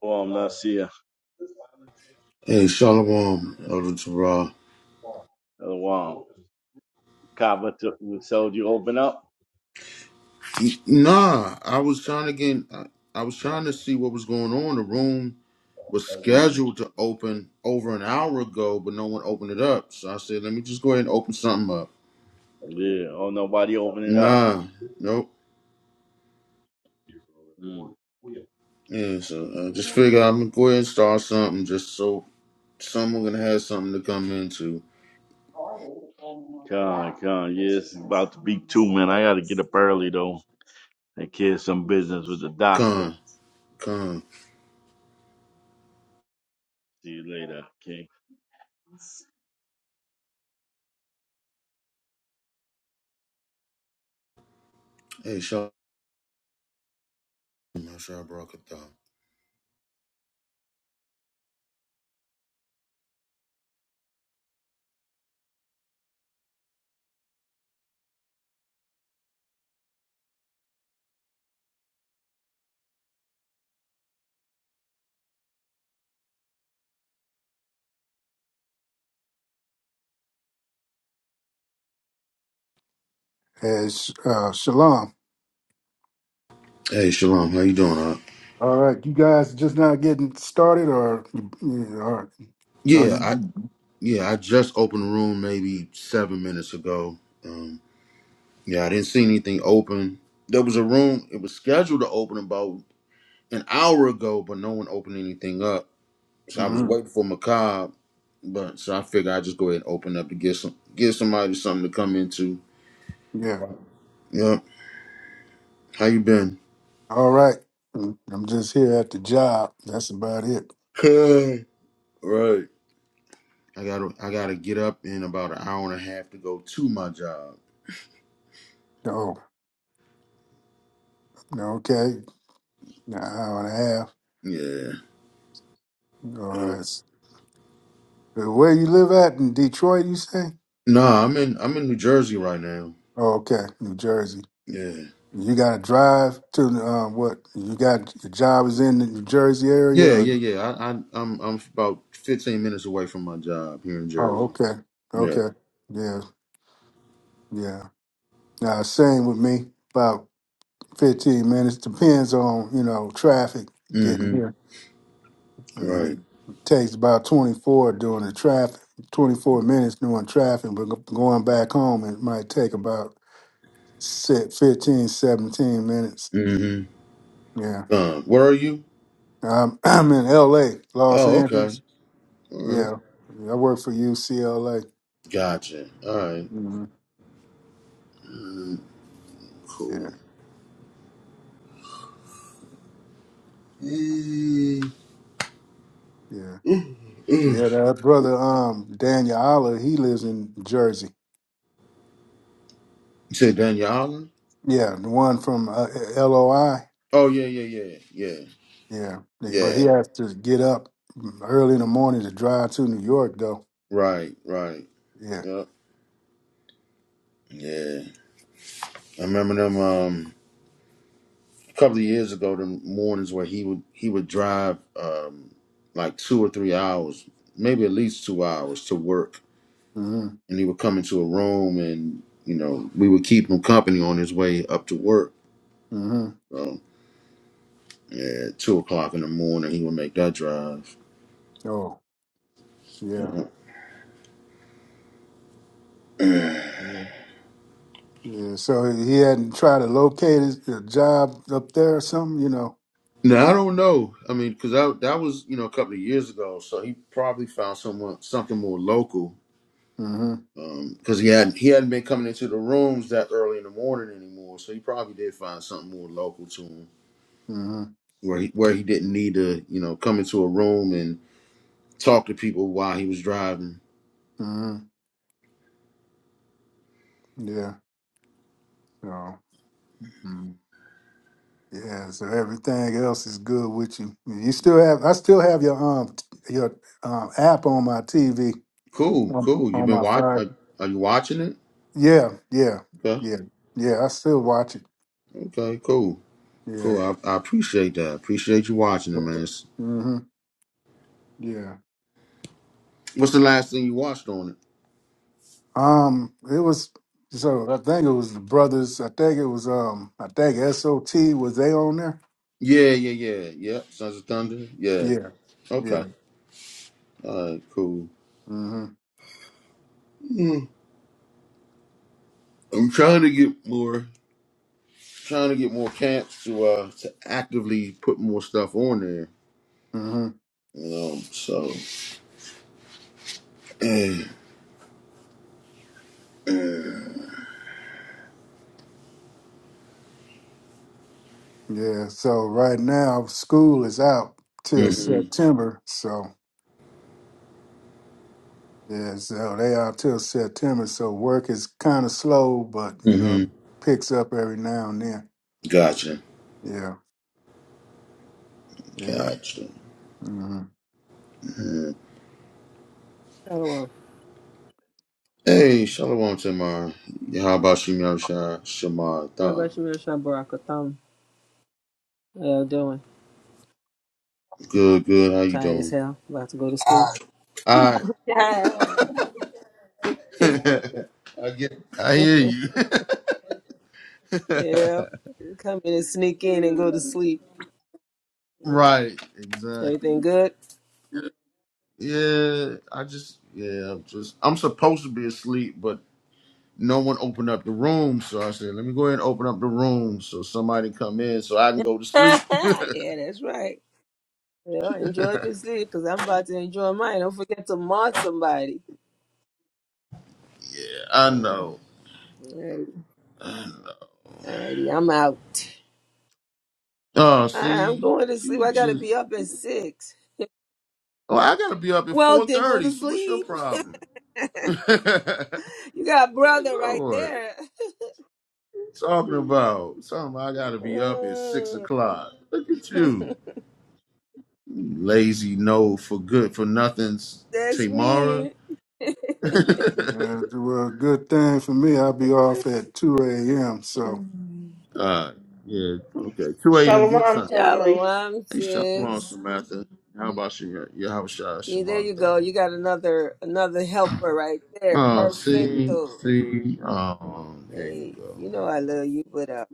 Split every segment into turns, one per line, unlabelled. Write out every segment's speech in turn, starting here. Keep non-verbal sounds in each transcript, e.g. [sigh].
Well, I'm not seeing
Hey, Shalom, Elder Torah.
a while. Kaba took you, told you open up.
Nah, I was trying to get, I, I was trying to see what was going on. The room was
Mhm.
scheduled to open over an hour ago, but no one opened it up. So I said, let me just go ahead and open something up.
Yeah. Oh, nobody open it up.
Nah, nope.
Mm.
Yeah, so I just figured I'm gonna go ahead and start something just so someone gonna have something to come into.
Con, con. Yeah, it's about to be two, man. I got to get up early though and care of some business with the doctor.
Con, con.
See you later, King.
Hey, Shalom, Shalom,
as uh, Shalom.
Hey, Shalom, how you doing? Huh?
All right, you guys just now getting started, or or are
Yeah,
you?
Yeah, I just opened the room maybe seven minutes ago. Um, yeah, I didn't see anything open. There was a room, it was scheduled to open about an hour ago, but no one opened anything up. So I was
mhm,
waiting for Macabre, but so I figured I'd just go ahead and open up to get some get somebody something to come into.
Yeah.
Right. Yep. How you been?
All right. Mm, I'm just here at the job. That's about it.
[laughs] right. I gotta I gotta get up in about an hour and a half to go to my job.
Oh, okay. An hour and a half.
Yeah.
All
Uh,
right. S- Where you live at in Detroit? You say?
nah, I'm in I'm in New Jersey right now.
Oh, okay, New Jersey.
Yeah.
You got to drive to um, what? You got your job is in the New Jersey area,
Yeah,
or?
yeah, yeah. I, I I'm I'm about 15 minutes away from my job here in
Oh,
Jersey.
okay,
Yeah.
okay. Yeah, yeah. Now, same with me. 15 minutes. Depends on, you know, traffic getting
Mm-hmm.
here. Uh,
Right.
It takes about 24 during the traffic, 24 minutes during traffic, but go- going back home, it might take about se- 15, seventeen minutes.
Mm-hmm.
Yeah.
Um, where are you?
Um, [clears throat] I'm in LA, Los
Oh, okay.
Angeles.
All right.
Yeah. I work for UCLA.
Gotcha. All right.
hmm
Mm,
Yeah.
cool. Mm.
Yeah.
Mm, mm. You
Yeah. That brother, um, Daniel Aller, he lives in Jersey.
said Daniel Island?
Yeah. The one from uh, LOI.
Oh yeah, yeah, yeah, yeah,
Yeah, like, but he
yeah.
has to get up early in the morning to drive to New York, though.
Right, right.
Yeah.
Yep. Yeah. I remember them. Um. a couple of years ago, the mornings where he would he would drive um, like two or three hours, maybe at least two hours to work,
hmm
and he would come into a room, and you know we would keep him company on his way up to work.
hmm
So yeah, at two o'clock in the morning, he would make that drive.
Oh, yeah.
[clears throat]
Yeah. Yeah. So he hadn't tried to locate his, a job up there or something, you know.
Now I don't know. I mean, because that that was you know a couple of years ago, so he probably found someone something more local
hmm
because he had he hadn't been coming into the rooms that early in the morning anymore. So he probably did find something more local to him,
hmm
where he where he didn't need to you know come into a room and talk to people while he was driving.
hmm Yeah. So. mm Yeah, so everything else is good with you. You still have, I still have your um t- your um app on my TV,
Cool,
on,
cool. You've
on
been
my
watch?
fire.
Are, are you watching it?
Yeah, yeah,
Okay,
yeah, yeah. I still watch it.
okay, cool,
Yeah.
cool. I, I appreciate that. Appreciate you watching it, man.
Yes.
It's-
hmm Yeah.
What's the last thing you watched on it?
Um, it was so I think it was the brothers. I think it was um I think SOT was they on there?
Yeah, yeah, yeah, yep. Sons of Thunder. Yeah.
Yeah. Yeah.
Okay. All right. Cool.
hmm
Mm. I'm trying to get more. trying to get more cats to uh to actively put more stuff on there.
hmm
You know, so eh,
Yeah. So right now school is out till
mm-hmm.
September. So yeah, so they out till September. So work is kinda slow, but you know,
hmm
picks up every now and then.
gotcha.
Yeah. Yeah.
Gotcha.
hmm
Mhm.
Oh, well.
Hey, Shalom Tamar. Yeah, How about you, Yamsha
Yeah,
Shamata?
but you really trying Barakatham. How y'all doing?
Good, good. How you
Tired as
doing?
hell. About to go to school.
I
Ah,
[laughs] I get I hear
[laughs]
you. [laughs]
yep. Come in and sneak in and go to sleep.
right, exactly.
Everything good?
Yeah, I just yeah, I'm just I'm supposed to be asleep, but no one opened up the room, so I said, "Let me go ahead and open up the room so somebody come in so I can go to
[laughs]
sleep."
yeah, that's right. Yeah, enjoy your sleep because I'm about to enjoy mine. Don't forget to mod somebody.
[laughs] I
Mm,
know.
alright.
Uh,
Alrighty, I'm out.
Oh,
Alright, I'm
see,
going to sleep.
you
I gotta
just
be up at six.
oh, I gotta be up at
Well,
four
then go
thirty.
to
So what's your
sleep. [laughs]
problem? [laughs] like,
You got brother right
Lord, what
there.
you talking
[laughs]
about something. I gotta be up at six
Mm.
o'clock. Look at you,
[laughs]
You lazy no for good for nothing's
That's
Tamara.
me. [laughs]
[laughs]
Yeah, well, good thing for me, I'll be off at two AM, so
Mhm.
uh, yeah, okay, two a.m. your
Shalom,
time.
family.
Shalom,
Hey, Shalom,
sis.
Samantha. How about you? You have a shot,
See, there you
Shamatha.
go. You got another another helper right there.
Oh, see,
Perfecto.
see. Oh, there you
Hey,
go.
you know I love you, but uh,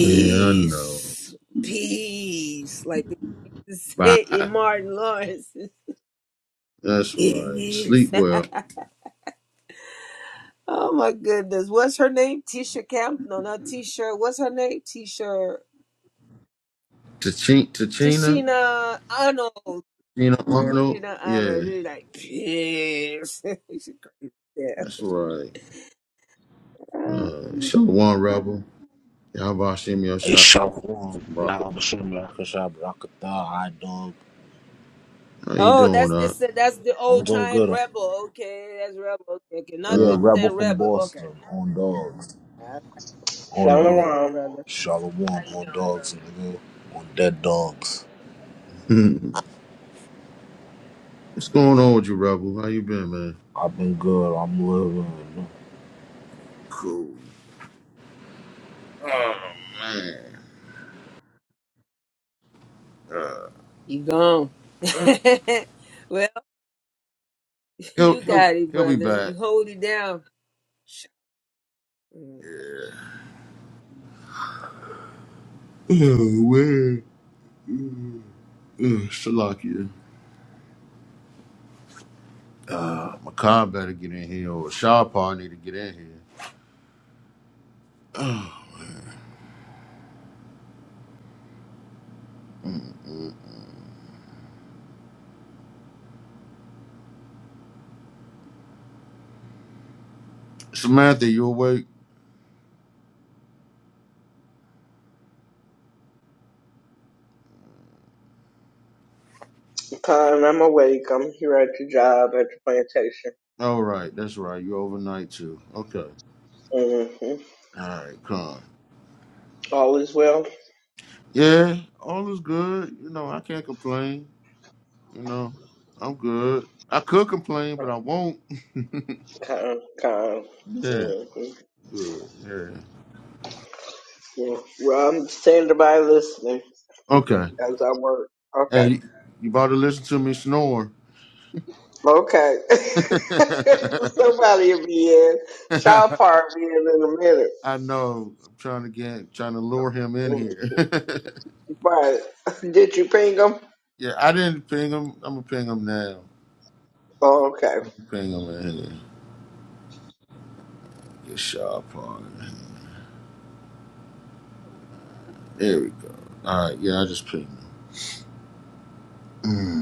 Yeah, I know.
peace. Like [laughs] they used to say
Bye.
in Martin Lawrence,
That's
[laughs]
right.
peace.
Sleep well.
Oh my goodness, what's her name? Tisha Camp? No, not Tisha. What's her name? Tisha.
Tachin- Tachina?
Tishina Arnold.
Tina
She
Arnold?
do honor.
Yeah,
She's like, kiss. [laughs] She crazy. Yeah.
that's right. Uh, Shalom, Rebel. Yahushua
Hey,
Yosha
Shalom.
from Rocketown.
Y'all, Bashem, Rakashab, Rakatha, I dog.
How you
Oh,
doing,
that's
up?
this. That's the
I'm
old
doing
time
good.
rebel. Okay, that's rebel. Okay, okay. not
Yeah,
this
Uh,
Rebel
time
from
rebel. Okay.
Boston. On dogs.
Alright.
On
How you
dogs.
doing,
Shalom.
brother?
Shalom. On dogs, nigga. On dead dogs.
[laughs] what's going on with you, Rebel? How you been, man?
I've been good. I'm living.
Cool. Oh, man.
You gone? [laughs] well, [laughs]
He'll
you
he'll
got it,
he'll be
brother.
back.
You hold it down.
Oh man, Ugh, Shalakia. Uh, Makai better get in here, or Shawpaw need to get in here. Samantha, you awake?
Khan, I'm awake. I'm here at the job at the plantation.
All right, that's right. You overnight too. Okay.
hmm
All right, Con.
All is well.
Yeah, all is good. You know, I can't complain. You know, I'm good. I could complain, but I won't.
Khan, Khan.
Yeah,
hmm
good. Yeah.
Yeah. Well, I'm standing by listening
Okay.
as I work.
Hey,
Okay.
you you about to listen to me snore?
Okay. [laughs] Somebody will be in. Shall
[laughs]
part will be in in a minute.
I know. I'm trying to get, trying to lure him in
Mhm.
here. [laughs]
Right. [laughs] Did you ping them?
yeah, I didn't ping him. I'm gonna ping him now.
Oh, okay.
Ping him in here. Get sharp on. it. There we go. All right. Yeah, I just pinged him. Mm.